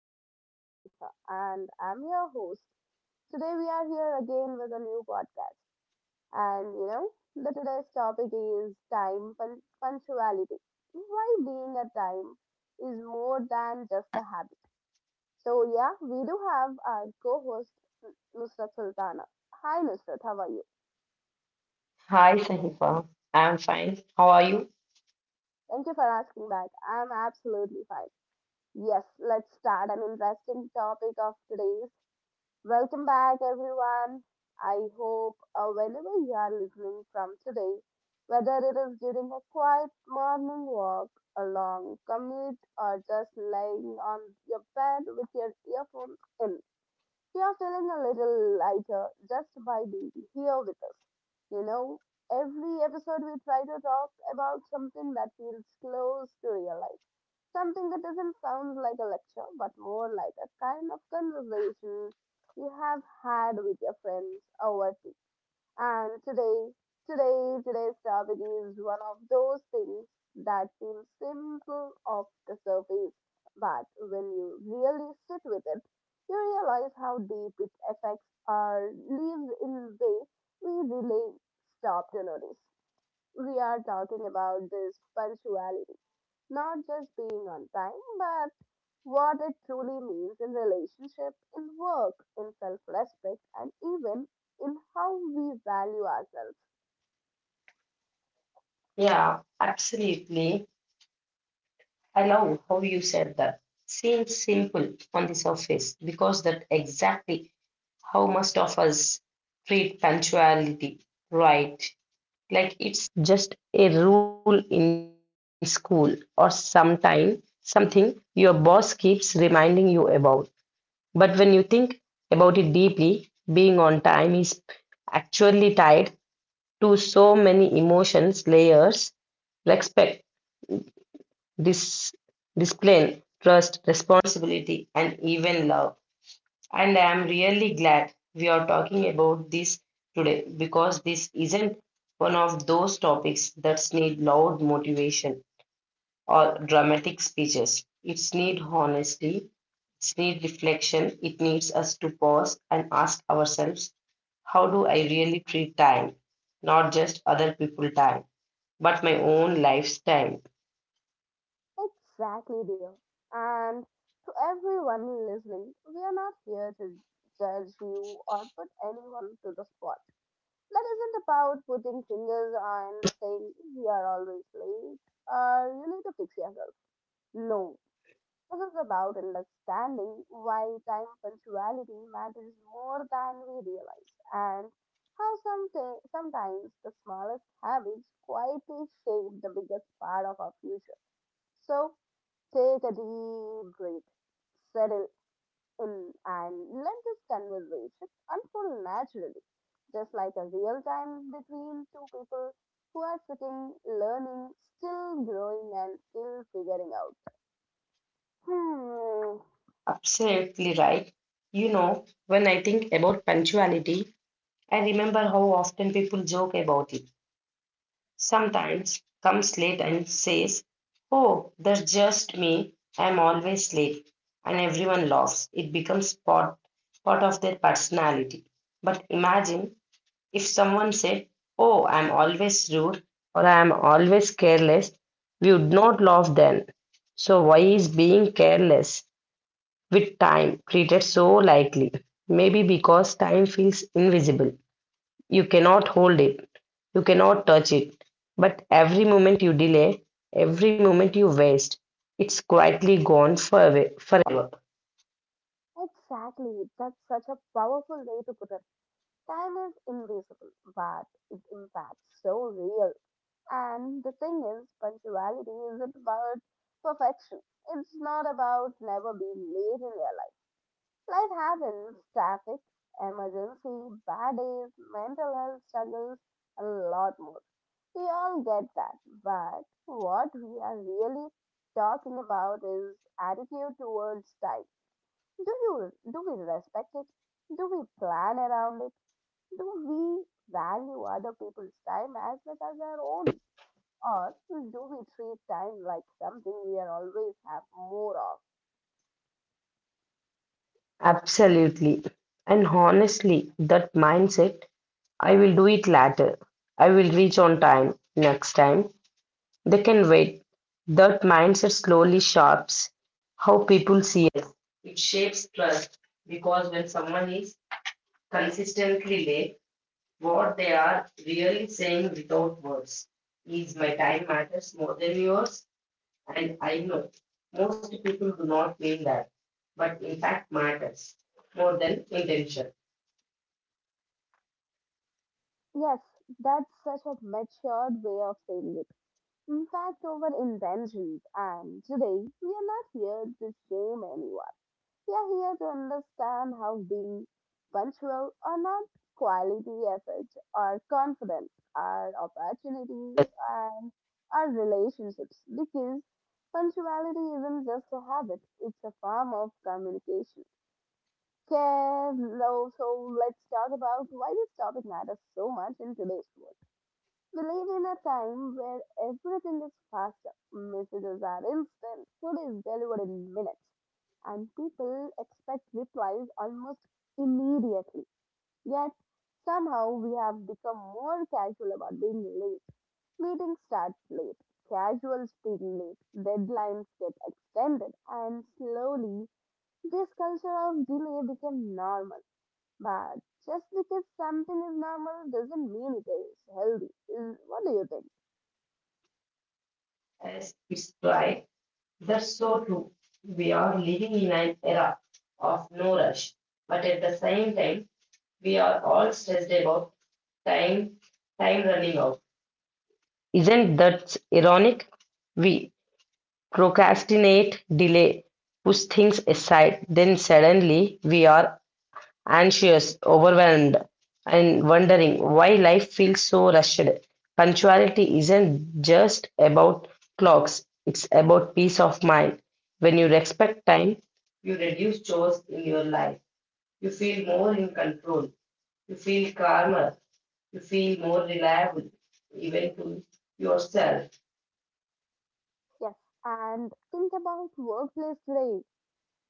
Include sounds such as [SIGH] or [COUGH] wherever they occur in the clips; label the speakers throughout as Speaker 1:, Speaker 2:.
Speaker 1: My name is Sahifa, and I'm your host. Today, we are here again with a new podcast. And you know, the today's topic is time punctuality. Why being a time is more than just a habit. We do have our co host, Nusrat Sultana. Hi, Nusrat, how are you?
Speaker 2: Hi, Sahifa. I'm fine. How are you?
Speaker 1: Thank you for asking back. I'm absolutely fine. Yes, let's start an interesting topic of today's. Welcome back, everyone. I hope whenever you are listening from today, whether it is during a quiet morning walk, a long commute, or just laying on your bed with your earphones in, you are feeling a little lighter just by being here with us. You know, every episode we try to talk about something that feels close to real life. Something that doesn't sound like a lecture, but more like a kind of conversation you have had with your friends over tea. And today, today's topic is one of those things that seems simple off the surface, but when you really sit with it, you realize how deep it affects our lives in a way we really stop to notice. We are talking about this punctuality, not just being on time, but what it truly means in relationship, in work, in self respect, and even in how we value ourselves.
Speaker 2: Yeah, absolutely. I love how you said that. Seems simple on the surface because that exactly how most of us treat punctuality, right? Like it's just a rule in school or sometime something your boss keeps reminding you about. But when you think about it deeply, being on time is actually tied to so many emotions layers respect, dis- discipline, trust, responsibility, and even love. And I am really glad we are talking about this today because this isn't one of those topics that need loud motivation or dramatic speeches. It's need honesty, it's need reflection, it needs us to pause and ask ourselves, how do I really treat time? Not just other people time but my own lifestyle.
Speaker 1: Exactly, dear. And to everyone listening, we are not here to judge you or put anyone to the spot. That isn't about putting fingers and saying you are always late or you need to fix yourself. No, this is about understanding why time punctuality matters more than we realize and how sometimes the smallest habits quietly shape the biggest part of our future. So take a deep breath, settle in, and let this conversation unfold naturally, just like a real time between two people who are sitting, learning, still growing, and still figuring out. Hmm.
Speaker 2: Absolutely right. You know, when I think about punctuality, I remember how often people joke about it. Sometimes comes late and says, "Oh, that's just me. I'm always late." And everyone laughs. It becomes part of their personality. But imagine if someone said, "Oh, I'm always rude or I'm always careless," we would not laugh then. So, why is being careless with time treated so lightly? Maybe because time feels invisible. You cannot hold it, you cannot touch it. But every moment you delay, every moment you waste, it's quietly gone forever.
Speaker 1: Exactly. That's such a powerful way to put it. Time is invisible, but its impact so real. And the thing is, punctuality isn't about perfection. It's not about never being late in your life. Life happens, traffic, emergency, bad days, mental health struggles, a lot more. We all get that. But what we are really talking about is attitude towards time. Do you do we respect it? Do we plan around it? Do we value other people's time as much as our own? Or do we treat time like something we are always have more of?
Speaker 2: Absolutely. And honestly, that mindset, I will do it later. I will reach on time next time. They can wait. That mindset slowly shapes how people see us. It shapes trust because when someone is consistently late, what they are really saying without words is my time matters more than yours, and I know most people do not mean that, but in fact matters more than intention.
Speaker 1: Yes, that's such a matured way of saying it. In fact, over intentions, and today we are not here to shame anyone. We are here to understand how being punctual or not, quality efforts or confidence, our opportunities and our relationships because punctuality isn't just a habit, it's a form of communication. Okay, so let's talk about why this topic matters so much in today's world. We live in a time where everything is faster. Messages are instant, food is delivered in minutes, and people expect replies almost immediately. Yet, somehow, we have become more casual about being late. Meetings start late, casual speaking late, deadlines get extended, and slowly, this culture of delay became normal. But just because something is normal doesn't mean it is healthy. What do you think?
Speaker 2: As it's right, that's so true. We are living in an era of no rush, but at the same time, we are all stressed about time, time running out. Isn't that ironic? We procrastinate, delay, push things aside, then suddenly we are anxious, overwhelmed, and wondering why life feels so rushed. Punctuality isn't just about clocks, it's about peace of mind. When you respect time, you reduce chores in your life. You feel more in control. You feel calmer. You feel more reliable, even to yourself.
Speaker 1: Yes, and think about workplace today.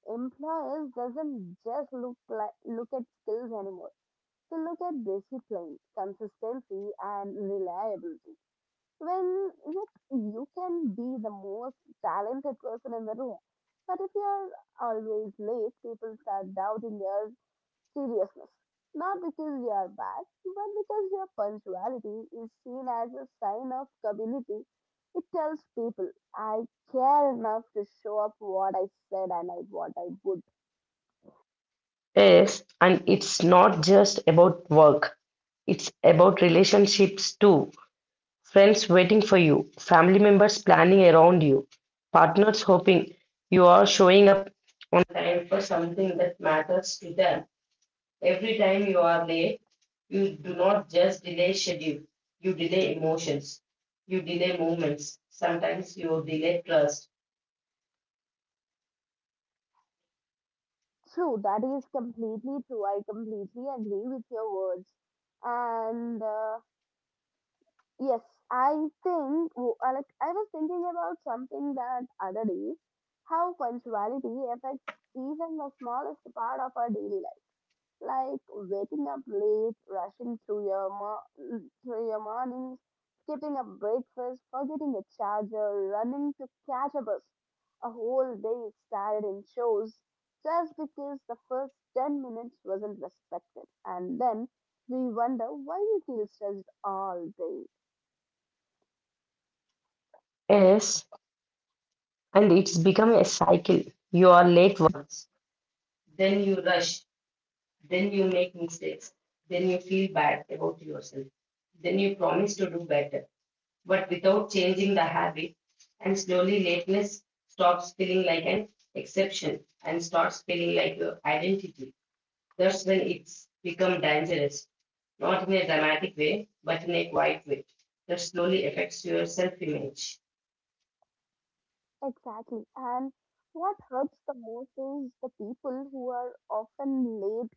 Speaker 1: Employers doesn't just look at skills anymore. They look at discipline, consistency, and reliability. When look, you can be the most talented person in the room, but if you are always late, people start doubting your seriousness. Not because we are bad, but because their punctuality is seen as a sign of capability. It tells people, I care enough to show up what I said and what I would.
Speaker 2: Yes, and it's not just about work. It's about relationships too. Friends waiting for you, family members planning around you, partners hoping you are showing up on time for something that matters to them. Every time you are late, you do not just delay schedule, you delay emotions, you delay moments. Sometimes you delay trust.
Speaker 1: True, that is completely true. I completely agree with your words. And yes, I I was thinking about something that other day how punctuality affects even the smallest part of our daily life like waking up late, rushing through your through your mornings, skipping a breakfast, forgetting a charger, running to catch a bus. A whole day started in shows just because the first 10 minutes wasn't respected. And then we wonder why we feel stressed all day.
Speaker 2: Yes, and it's become a cycle. You are late once, then you rush, then you make mistakes, then you feel bad about yourself, then you promise to do better, but without changing the habit. And slowly, lateness stops feeling like an exception and starts feeling like your identity. That's when it's become dangerous, not in a dramatic way, but in a quiet way that slowly affects your self image.
Speaker 1: Exactly. And what hurts the most is the people who are often late,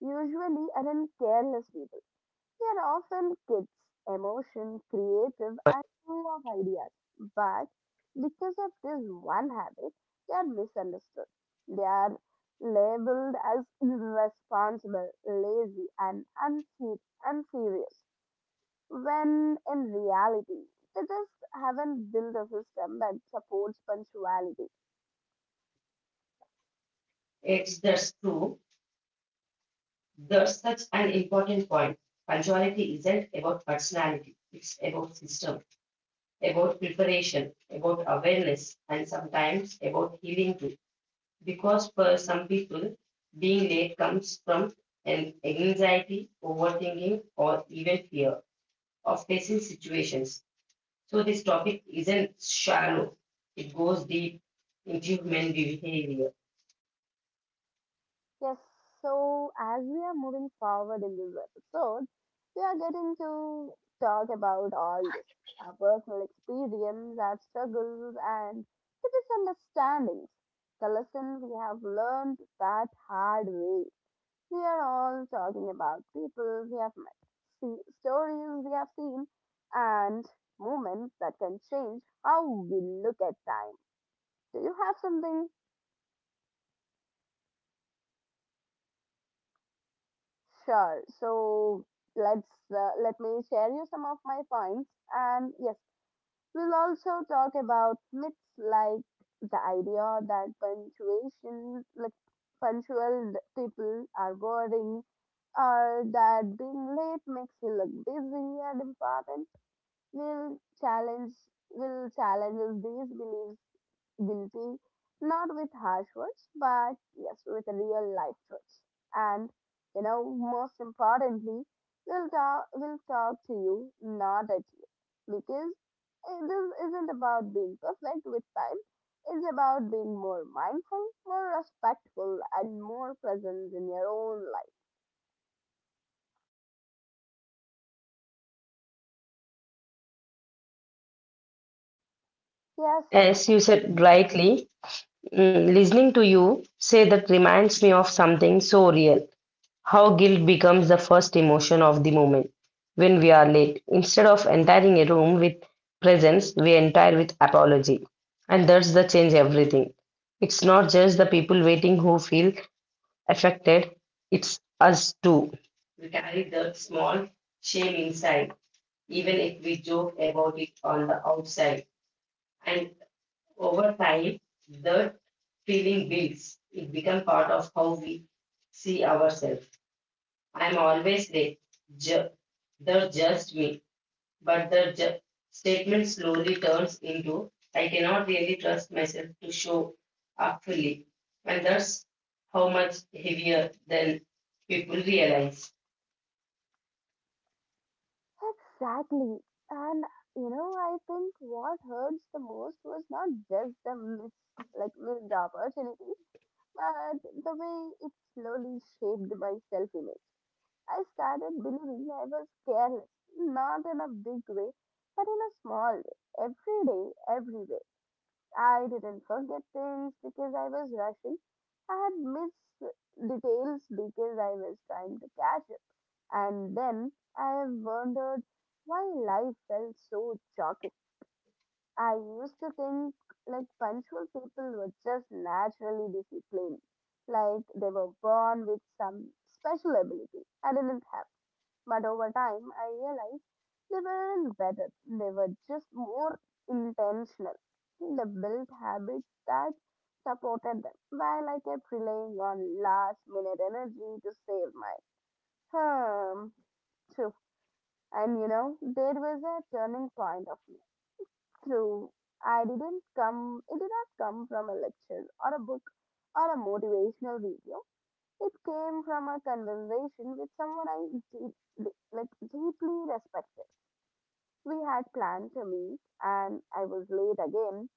Speaker 1: usually aren't careless people. They are often kids, emotion, creative, and full of ideas. But because of this one habit, they are misunderstood. They are labeled as irresponsible, lazy, and unserious. When in reality, they just haven't built a system that supports punctuality.
Speaker 2: It's that's true. That's such an important point. Punctuality isn't about personality, it's about system, about preparation, about awareness, and sometimes about healing too. Because for some people, being late comes from an anxiety, overthinking, or even fear of facing situations. So this topic isn't shallow, it goes deep into human behavior.
Speaker 1: Yes, so as we are moving forward in this episode, we are getting to talk about all this our personal experience, our struggles, and the misunderstandings, the lessons we have learned that hard way. We are all talking about people we have met, see, stories we have seen, and moments that can change how we look at time. Do you have something? Sure. So let me share you some of my points. And yes, we'll also talk about myths like the idea that punctuation, like punctual people are boring, or that being late makes you look busy and important. will challenge will challenge these beliefs guilty, not with harsh words but yes with real life truths, and you know, most importantly, we'll talk to you not at you, because this isn't about being perfect with time, it's about being more mindful, more respectful and more present in your own life.
Speaker 2: As
Speaker 1: Yes.
Speaker 2: you said rightly, listening to you say that reminds me of something so real. How guilt becomes the first emotion of the moment when we are late. Instead of entering a room with presence, we enter with apology. And that's the change everything. It's not just the people waiting who feel affected, it's us too. We carry that small shame inside, even if we joke about it on the outside. And over time, the feeling builds. It becomes part of how we see ourselves. I'm always late. Ju- they're just me. But the statement slowly turns into I cannot really trust myself to show up fully. And that's how much heavier than people realize.
Speaker 1: Exactly. And you know, I think what hurts the most was not just the miss, like missed opportunity, but the way it slowly shaped my self-image. I started believing I was careless, not in a big way, but in a small way, every day, everywhere. I didn't forget things because I was rushing. I had missed details because I was trying to catch up. And then I have wondered why life felt so choking. I used to think like punctual people were just naturally disciplined, like they were born with some special ability. I didn't, but over time, I realized they weren't better, they were just more intentional. They built habits that supported them while I kept relying on last minute energy to save my home. True. And you know, there was a turning point of me. True. I didn't come, it did not come from a lecture or a book or a motivational video. It came from a conversation with someone I deeply respected. We had planned to meet, and I was late again.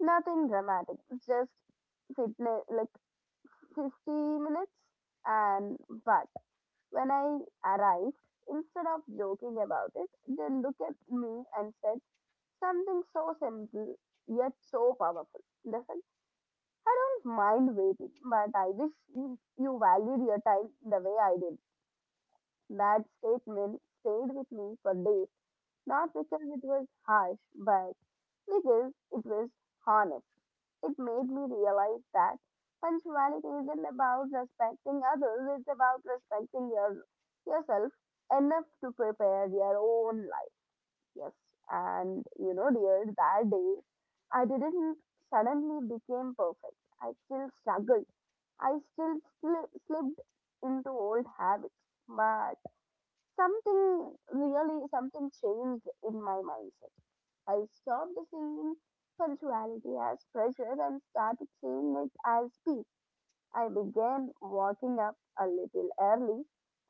Speaker 1: Nothing dramatic, just fitness, like 50 minutes. And but when I arrived, instead of joking about it, they looked at me and said something so simple yet so powerful. They said, "I don't mind waiting, but I wish you valued your time the way I did." That statement stayed with me for days, not because it was harsh, but because it was honest. It made me realize that punctuality isn't about respecting others, it's about respecting yourself enough to prepare your own life. Yes, and you know, dear, that day I didn't suddenly became perfect. I still struggled. I still slipped into old habits. But something changed in my mindset. I stopped seeing punctuality as pressure and started seeing it as peace. I began waking up a little early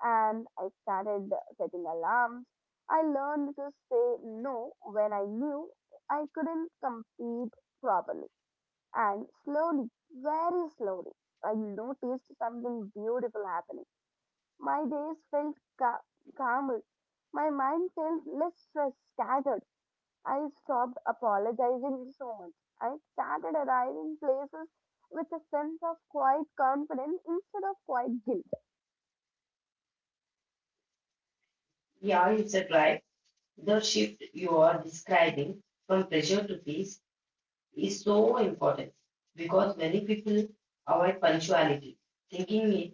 Speaker 1: and I started setting alarms. I learned to say no when I knew I couldn't compete properly. And slowly, very slowly, I noticed something beautiful happening. My days felt calmer. My mind felt less stressed, scattered. I stopped apologizing so much. I started arriving places with a sense of quiet confidence instead of quiet guilt.
Speaker 2: Yeah, it's a drive. The shift you are describing from pressure to peace is so important because many people avoid punctuality, thinking it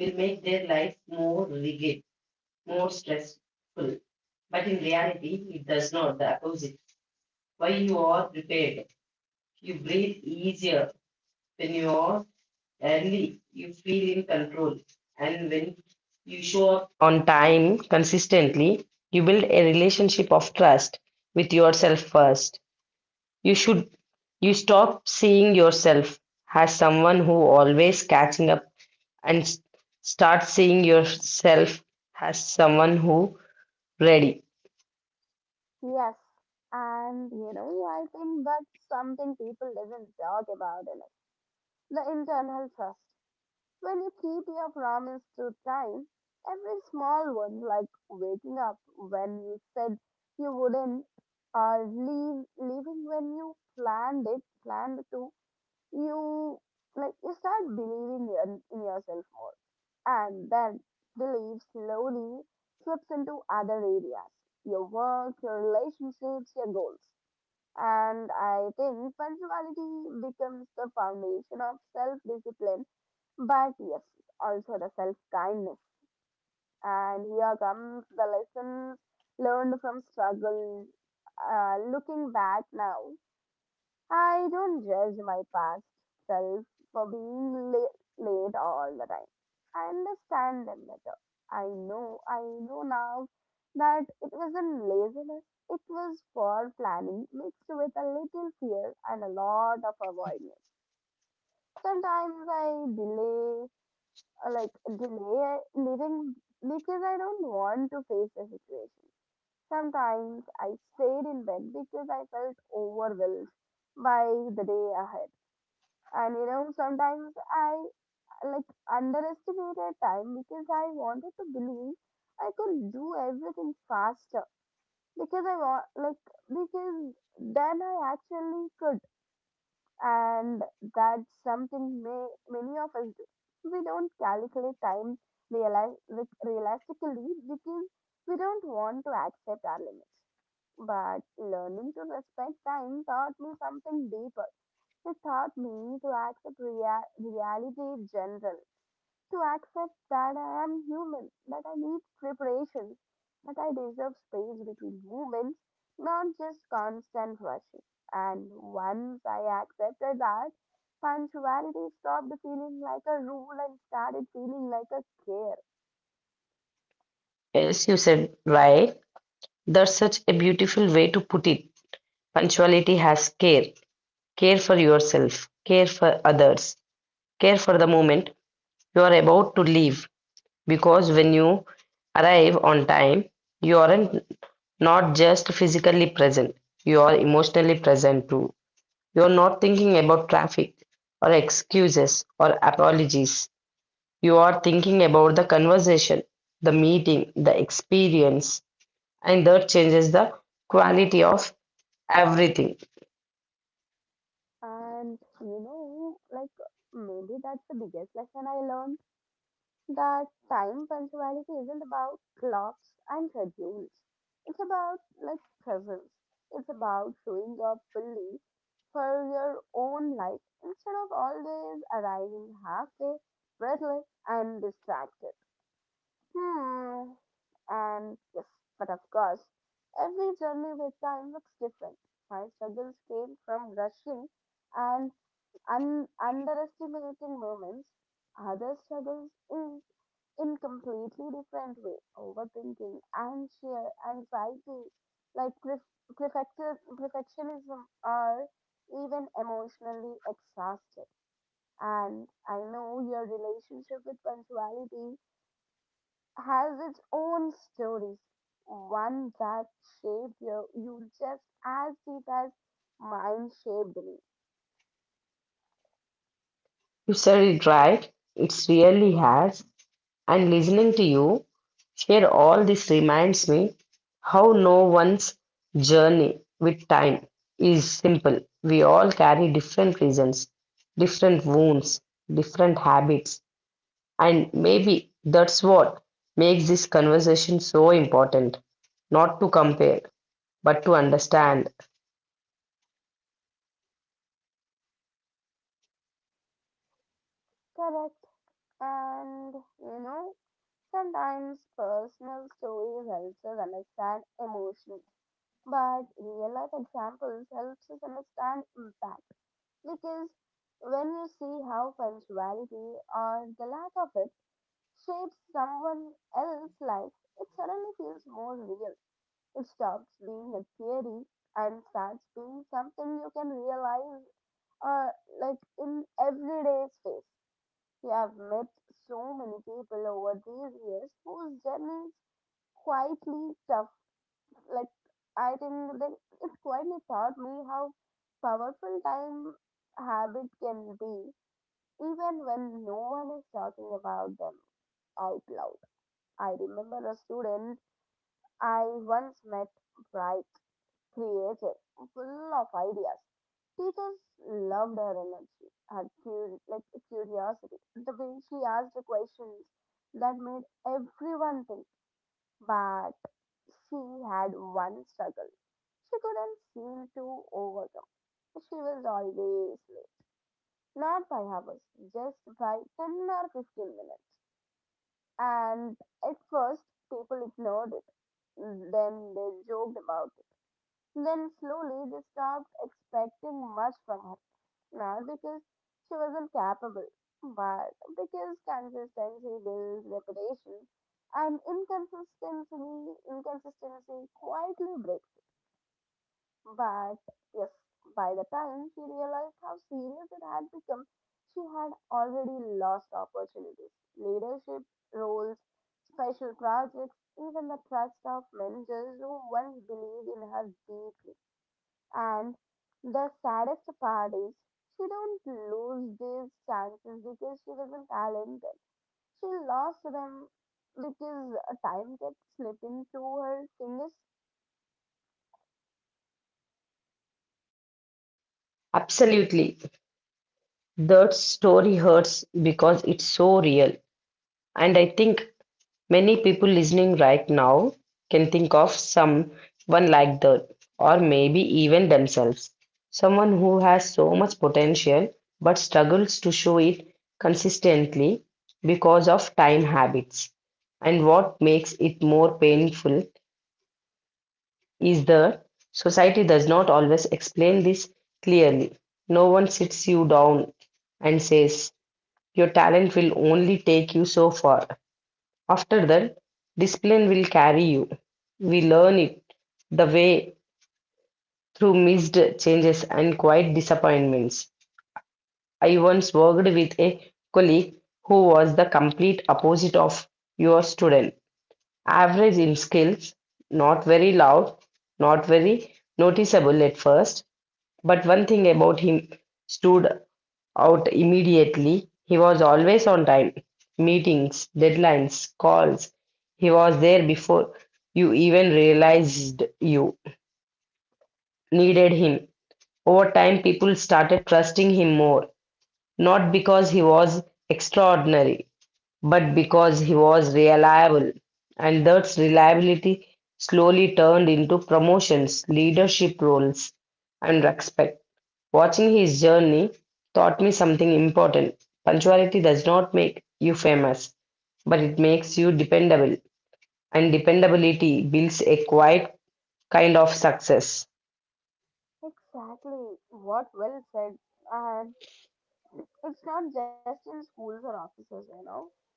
Speaker 2: will make their life more rigid, more stressful. But in reality, it does not, the opposite. When you are prepared, you breathe easier. When you are early, you feel in control. And when you show up on time consistently, you build a relationship of trust with yourself first. You should you stop seeing yourself as someone who always catching up and start seeing yourself as someone who ready.
Speaker 1: Yes, and you know, I think that's something people doesn't talk about enough. The internal trust. When you keep your promise to time, every small one, like waking up when you said you wouldn't, or leaving when you planned to, you you start believing in yourself more, and then belief slowly slips into other areas, your work, your relationships, your goals. And I think punctuality becomes the foundation of self discipline, but yes, also the self kindness. And here comes the lessons learned from struggle. Looking back now, I don't judge my past self for being late all the time. I understand them better. I know now that it wasn't laziness, it was poor planning mixed with a little fear and a lot of avoidance. Sometimes I uh, like delay leaving because I don't want to face the situation. Sometimes I stayed in bed because I felt overwhelmed by the day ahead. And you know, sometimes I like underestimated time because I wanted to believe I could do everything faster because I want like because then I actually could, and that's something many of us do. We don't calculate time realistically because we don't want to accept our limits. But learning to respect time taught me something deeper. It taught me to accept reality in general, to accept that I am human, that I need preparation, that I deserve space between movements, not just constant rushing. And once I accepted that, punctuality stopped feeling like a rule and started feeling like a care.
Speaker 2: Yes, you said right. That's such a beautiful way to put it. Punctuality has care. Care for yourself, care for others, care for the moment you are about to leave. Because when you arrive on time, you aren't not just physically present, you are emotionally present too. You're not thinking about traffic or excuses or apologies. You are thinking about the conversation, the meeting, the experience, and that changes the quality of everything.
Speaker 1: And maybe that's the biggest lesson I learned, that time punctuality isn't about clocks and schedules. It's about like presence. It's about showing up fully for your own life instead of always arriving halfway, breathless and distracted. Hmm. And yes, but of course, every journey with time looks different. My struggles came from rushing and underestimating moments. Other struggles is in completely different way, overthinking and sheer anxiety, like perfectionism, are even emotionally exhausted. And I know your relationship with punctuality has its own stories, one that shaped you just as deep as mine shaped me.
Speaker 2: You said it right. It really has. And listening to you share all this reminds me how no one's journey with time is simple. We all carry different reasons, different wounds, different habits, and maybe that's what makes this conversation so important. Not to compare, but to understand.
Speaker 1: Correct. And you know, sometimes personal stories helps us understand emotions, but real life examples helps us understand impact, because when you see how punctuality or the lack of it shapes someone else's life, it suddenly feels more real. It stops being a theory and starts being something you can realize or like in everyday space. You have met so many people over these years whose journeys quietly, like I think that it quietly taught me how powerful time habit can be, even when no one is talking about them out loud. I remember a student I once met, bright, creative, full of ideas. Teachers loved her energy, her curiosity, the way she asked the questions that made everyone think. But she had one struggle she couldn't seem to overcome. She was always late, not by hours, just by 10 or 15 minutes. And at first, people ignored it. Then they joked about, then slowly they stopped expecting much from her. Not because she wasn't capable, but because consistency builds reputation and inconsistency quietly breaks it. But yes, by the time she realized how serious it had become, she had already lost opportunities. Leadership, roles, special projects, even the trust of managers who once believed in her deeply. And the saddest part is, she don't lose these chances because she wasn't talented. She lost them because time kept slipping through her fingers.
Speaker 2: Absolutely. That story hurts because it's so real. And I think many people listening right now can think of someone like that, or maybe even themselves. Someone who has so much potential but struggles to show it consistently because of time habits. And what makes it more painful is that society does not always explain this clearly. No one sits you down and says, "Your talent will only take you so far. After that, discipline will carry you." We learn it the way through missed changes and quiet disappointments. I once worked with a colleague who was the complete opposite of your student. Average in skills, not very loud, not very noticeable at first, but one thing about him stood out immediately. He was always on time. Meetings, deadlines, calls. He was there before you even realized you needed him. Over time, people started trusting him more, not because he was extraordinary, but because he was reliable. And that reliability slowly turned into promotions, leadership roles, and respect. Watching his journey taught me something important. Punctuality does not make you famous, but it makes you dependable. And dependability builds a quiet kind of success.
Speaker 1: Exactly. What well said. And it's not just in schools or offices, you know.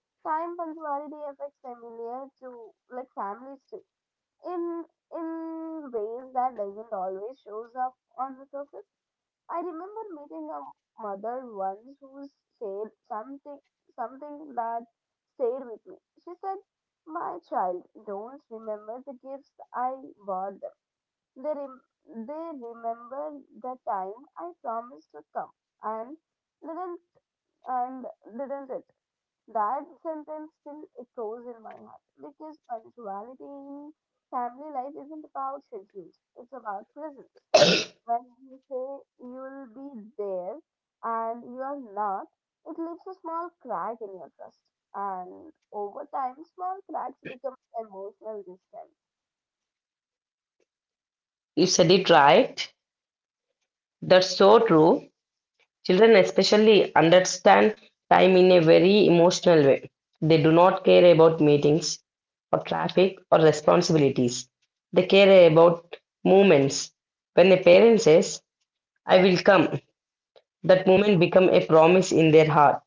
Speaker 1: Time punctuality affects familiar to like families too. In in ways that doesn't always shows up on the surface. I remember meeting a mother once who said something that stayed with me. She said, "My child, don't remember the gifts I bought them. They they remember the time I promised to come and didn't, and didn't it." That sentence still echoes in my heart because punctuality in family life isn't about schedules; it's about presence. When you say you'll be there and you're not, it leaves a small crack in your trust. And over time, small cracks become emotional distance.
Speaker 2: You said it right. That's so true. Children especially understand time in a very emotional way. They do not care about meetings or traffic or responsibilities. They care about moments. When a parent says, "I will come," that moment becomes a promise in their heart.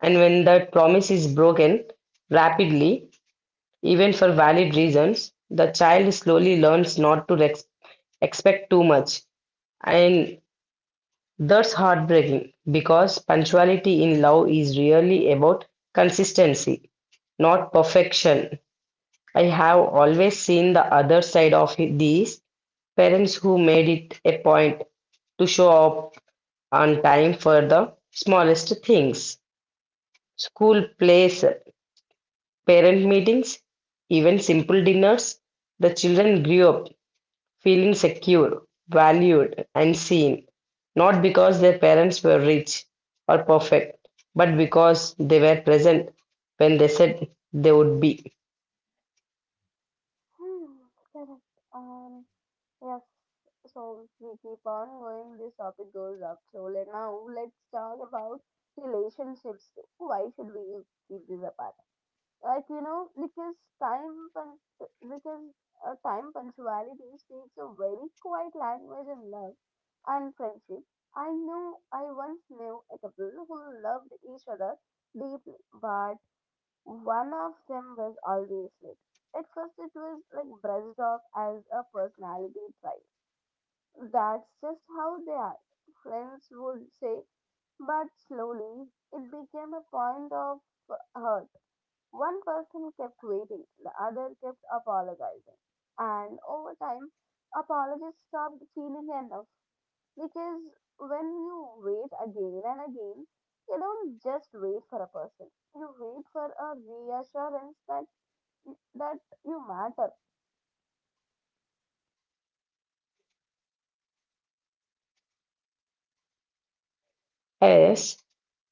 Speaker 2: And when that promise is broken rapidly, even for valid reasons, the child slowly learns not to expect too much, and that's heartbreaking because punctuality in love is really about consistency, not perfection. I have always seen the other side of these parents who made it a point to show up on time for the smallest things, school plays, parent meetings, even simple dinners. The children grew up feeling secure, valued, and seen, not because their parents were rich or perfect, but because they were present when they said they would be.
Speaker 1: Hmm, correct. Yes. So we keep on going. This topic goes up. So let now let's talk about relationships too. Why should we keep this apart? Like you know, because because time punctuality speaks a very quiet language in love and friendship. I know I once knew a couple who loved each other deeply, but one of them was always late. At first it was like brushed off as a personality trait, that's just how they are, friends would say. But slowly it became a point of hurt. One person kept waiting, the other kept apologizing. And over time, apologies stopped feeling enough, because when you wait again and again, you don't just wait for a person. You wait for a reassurance that you matter.
Speaker 2: Yes,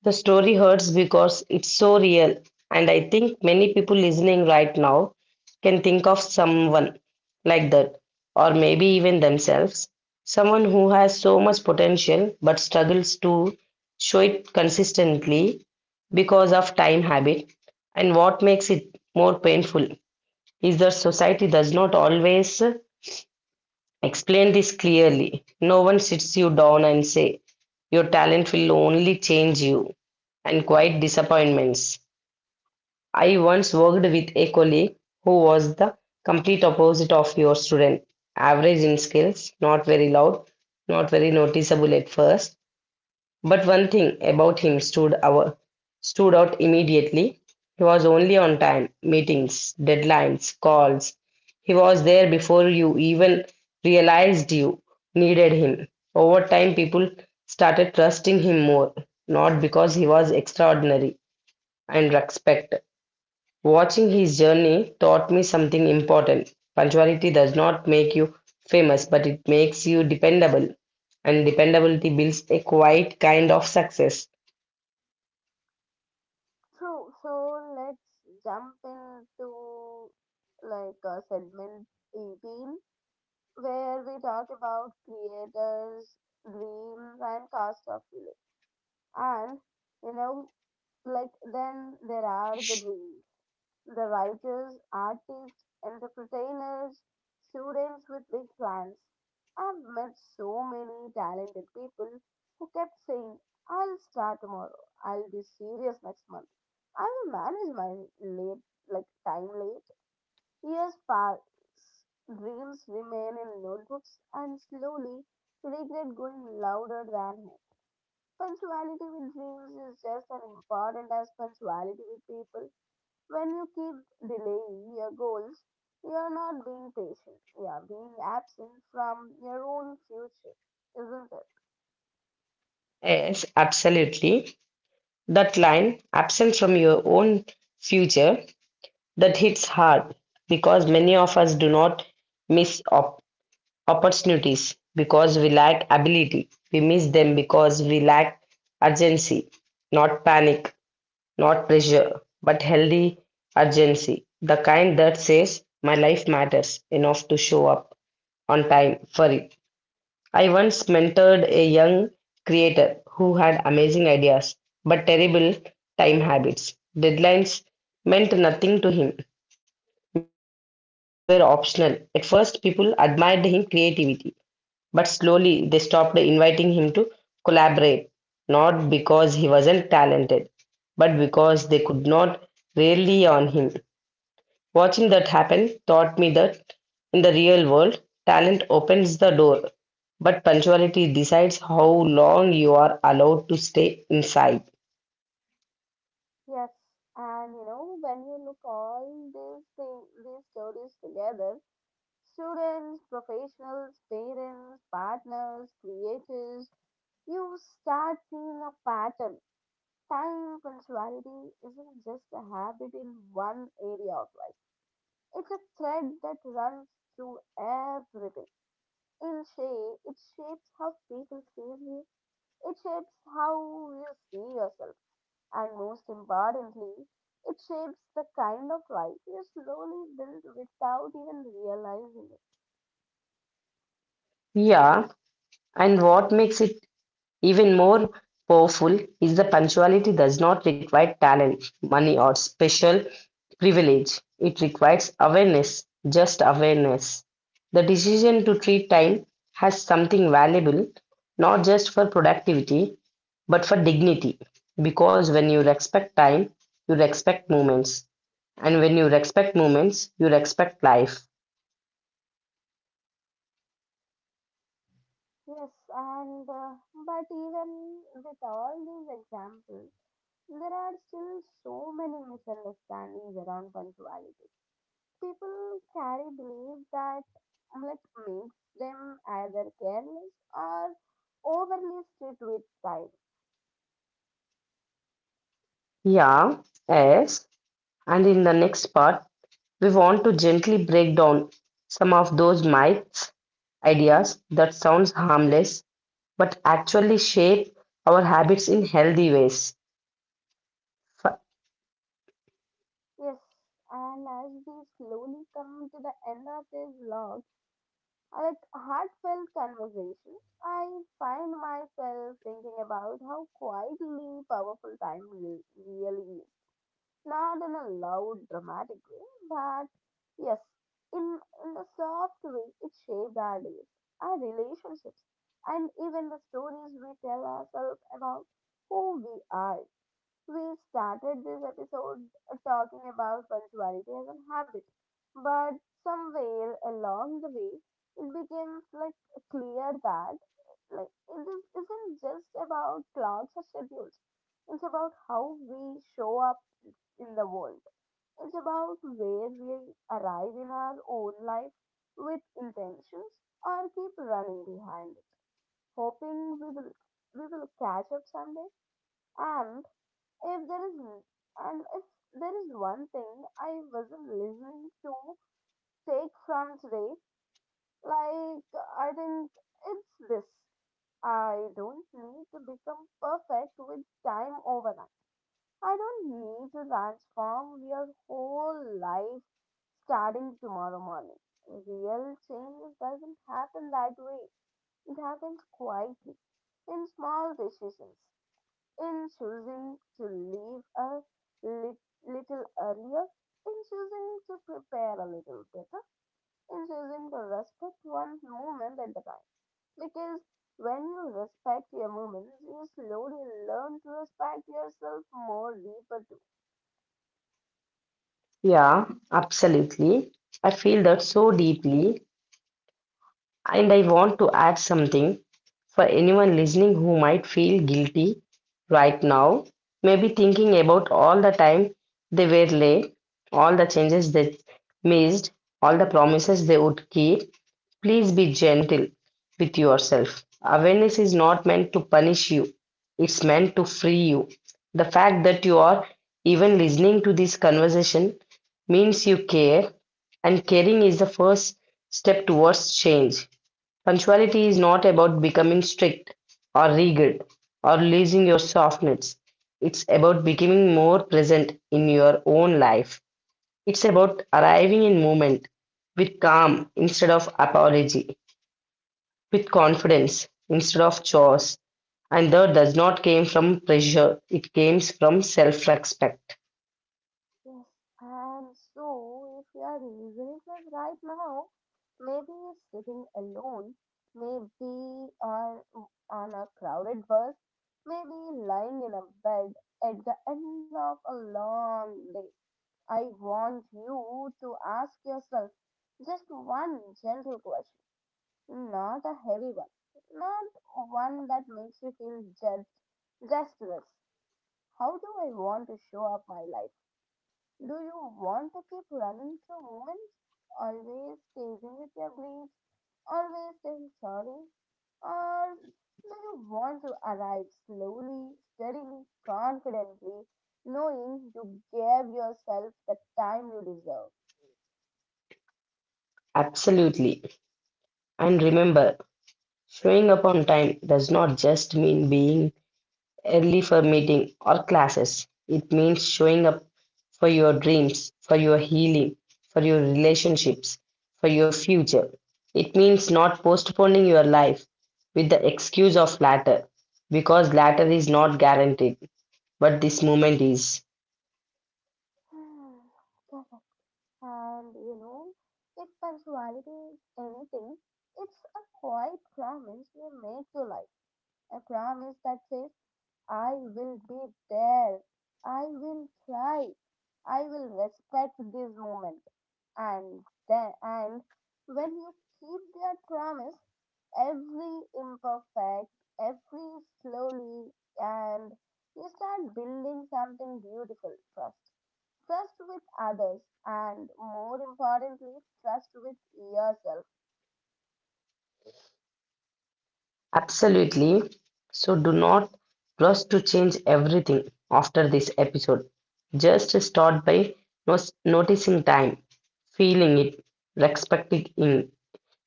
Speaker 2: the story hurts because it's so real, and I think many people listening right now can think of someone like that, or maybe even themselves, someone who has so much potential but struggles to show it consistently because of time habit. And what makes it more painful is that society does not always explain this clearly. No one sits you down and say, "Your talent will only change you," and quite disappointments. I once worked with a colleague who was the complete opposite of your student. Average in skills, not very loud, not very noticeable at first, but one thing about him stood out immediately. He was only on time, meetings, deadlines, calls. He was there before you even realized you needed him. Over time, people started trusting him more, not because he was extraordinary and respect. Watching his journey taught me something important. Punctuality does not make you famous, but it makes you dependable. And dependability builds a quiet kind of success.
Speaker 1: True. So let's jump into like segment 18, where we talk about creators, dreams, and cost of delay. And you know, like then there are the dreams, the writers, artists, entrepreneurs, students with big plans. I've met so many talented people who kept saying, I'll start tomorrow, I'll be serious next month, I will manage my late like time late. Years pass, dreams remain in notebooks, and slowly regret going louder than hope. Punctuality with dreams is just as important as punctuality with people. When you keep delaying your goals, you are not being patient. You are being absent from your own future, isn't it?
Speaker 2: Yes, absolutely. That line, absent from your own future, that hits hard because many of us do not miss opportunities because we lack ability. We miss them because we lack urgency, not panic. Not pressure, but healthy urgency. The kind that says, my life matters enough to show up on time for it. I once mentored a young creator who had amazing ideas but terrible time habits. Deadlines meant nothing to him. Meetings were optional. At first, people admired his creativity, but slowly they stopped inviting him to collaborate, not because he wasn't talented, but because they could not rely on him. Watching that happen taught me that in the real world, talent opens the door, but punctuality decides how long you are allowed to stay inside.
Speaker 1: Yes. And you know, when you look all these stories together, students, professionals, parents, partners, creators, you start seeing a pattern. Time punctuality isn't just a habit in one area of life. It's a thread that runs through everything. In shape, it shapes how people see you. It shapes how you see yourself. And most importantly, it shapes the kind of life you slowly build without even realizing it.
Speaker 2: Yeah, and what makes it even more powerful is the punctuality does not require talent, money, or special privilege. It requires awareness, just awareness. The decision to treat time has something valuable, not just for productivity, but for dignity. Because when you respect time, you respect moments. And when you respect moments, you respect life.
Speaker 1: Yes, and but even with all these examples, there are still so many misunderstandings around punctuality. People carry beliefs that like makes them either careless or overly strict with time.
Speaker 2: Yeah, yes. And in the next part, we want to gently break down some of those myths, ideas that sounds harmless but actually shape our habits in healthy ways. F-
Speaker 1: Yes, and as we slowly come to the end of this vlog, like heartfelt conversation, I find myself thinking about how quietly powerful time really is. Not in a loud, dramatic way, but yes, in, in a soft way, it shaped our days, our relationships, and even the stories we tell ourselves about who we are. We started this episode talking about punctuality as a habit, but somewhere along the way, it becomes like clear that like isn't just about clocks or schedules. It's about how we show up in the world. It's about where we arrive in our own life with intentions, or keep running behind it, hoping we will catch up someday. And if there is one thing I wasn't listening to take from today, like I think it's this. I don't need to become perfect with time overnight. I don't need to transform your whole life starting tomorrow morning. Real change doesn't happen that way. It happens quietly in small decisions, in choosing to leave a lit- little earlier, in choosing to prepare a little better, in choosing to respect one moment at a time. Because when you respect your moments, you slowly learn to respect yourself more deeper.
Speaker 2: yeah, absolutely. I feel that so deeply. And I want to add something for anyone listening who might feel guilty right now, maybe thinking about all the time they were late, all the changes they missed, all the promises they would keep. Please be gentle with yourself. Awareness is not meant to punish you, it's meant to free you. The fact that you are even listening to this conversation means you care, and caring is the first step towards change. Punctuality is not about becoming strict or rigid or losing your softness. It's about becoming more present in your own life. It's about arriving in moment with calm instead of apology, with confidence instead of chores. And that does not came from pressure, it comes from self-respect.
Speaker 1: Yes, and so if you are listening to this right now, maybe you're sitting alone, maybe are on a crowded bus, maybe lying in a bed at the end of a long day. I want you to ask yourself just one gentle question, not a heavy one, not one that makes you feel judged, just this. How do I want to show up my life? Do you want to keep running through moments, always teasing with your grief, always saying sorry? Or do you want to arrive slowly, steadily, confidently, knowing you gave yourself the time you deserve? [SIGHS]
Speaker 2: Absolutely. And remember, showing up on time does not just mean being early for meeting or classes. It means showing up for your dreams, for your healing, for your relationships, for your future. It means not postponing your life with the excuse of latter, because latter is not guaranteed, but this moment is.
Speaker 1: Hmm, correct. And you know, if punctuality is anything, it's a quiet promise we make to life. A promise that says, I will be there. I will try. I will respect this moment. And then, and when you keep their promise, every imperfect, every slowly, and you start building something beautiful. Trust. Trust with others, and more importantly, trust with yourself.
Speaker 2: Absolutely. So do not rush to change everything after this episode. Just start by noticing time, feeling it, respecting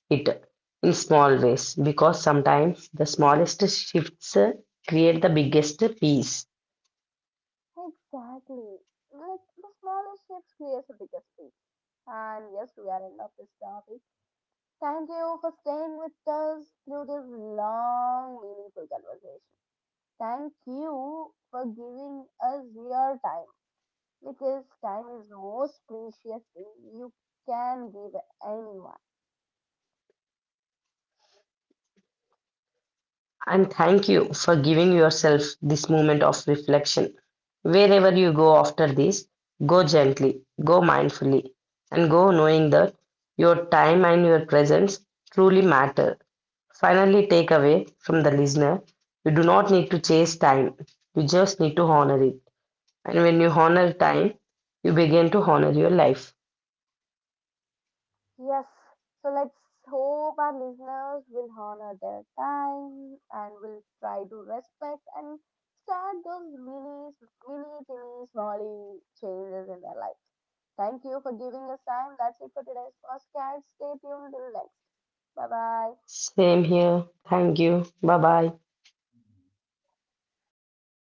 Speaker 2: it in small ways because sometimes the smallest shifts create the biggest peace.
Speaker 1: Exactly. Like the smallest shifts creates the biggest peace. And yes, we are end of this topic. Thank you for staying with us through this long, meaningful conversation. Thank you for giving us your time because time is the most precious thing you can give anyone.
Speaker 2: And thank you for giving yourself this moment of reflection. Wherever you go after this, go gently, go mindfully, and go knowing that your time and your presence truly matter. Finally, take away from the listener, you do not need to chase time, you just need to honor it. And when you honor time, you begin to honor your life.
Speaker 1: Yes. So let's hope our listeners will honor their time and will try to respect and start those mini, mini, teeny, smally changes in their life. Thank you for giving us time. That's it for today's podcast. Stay tuned till next. Bye bye.
Speaker 2: Same here. Thank you. Bye bye.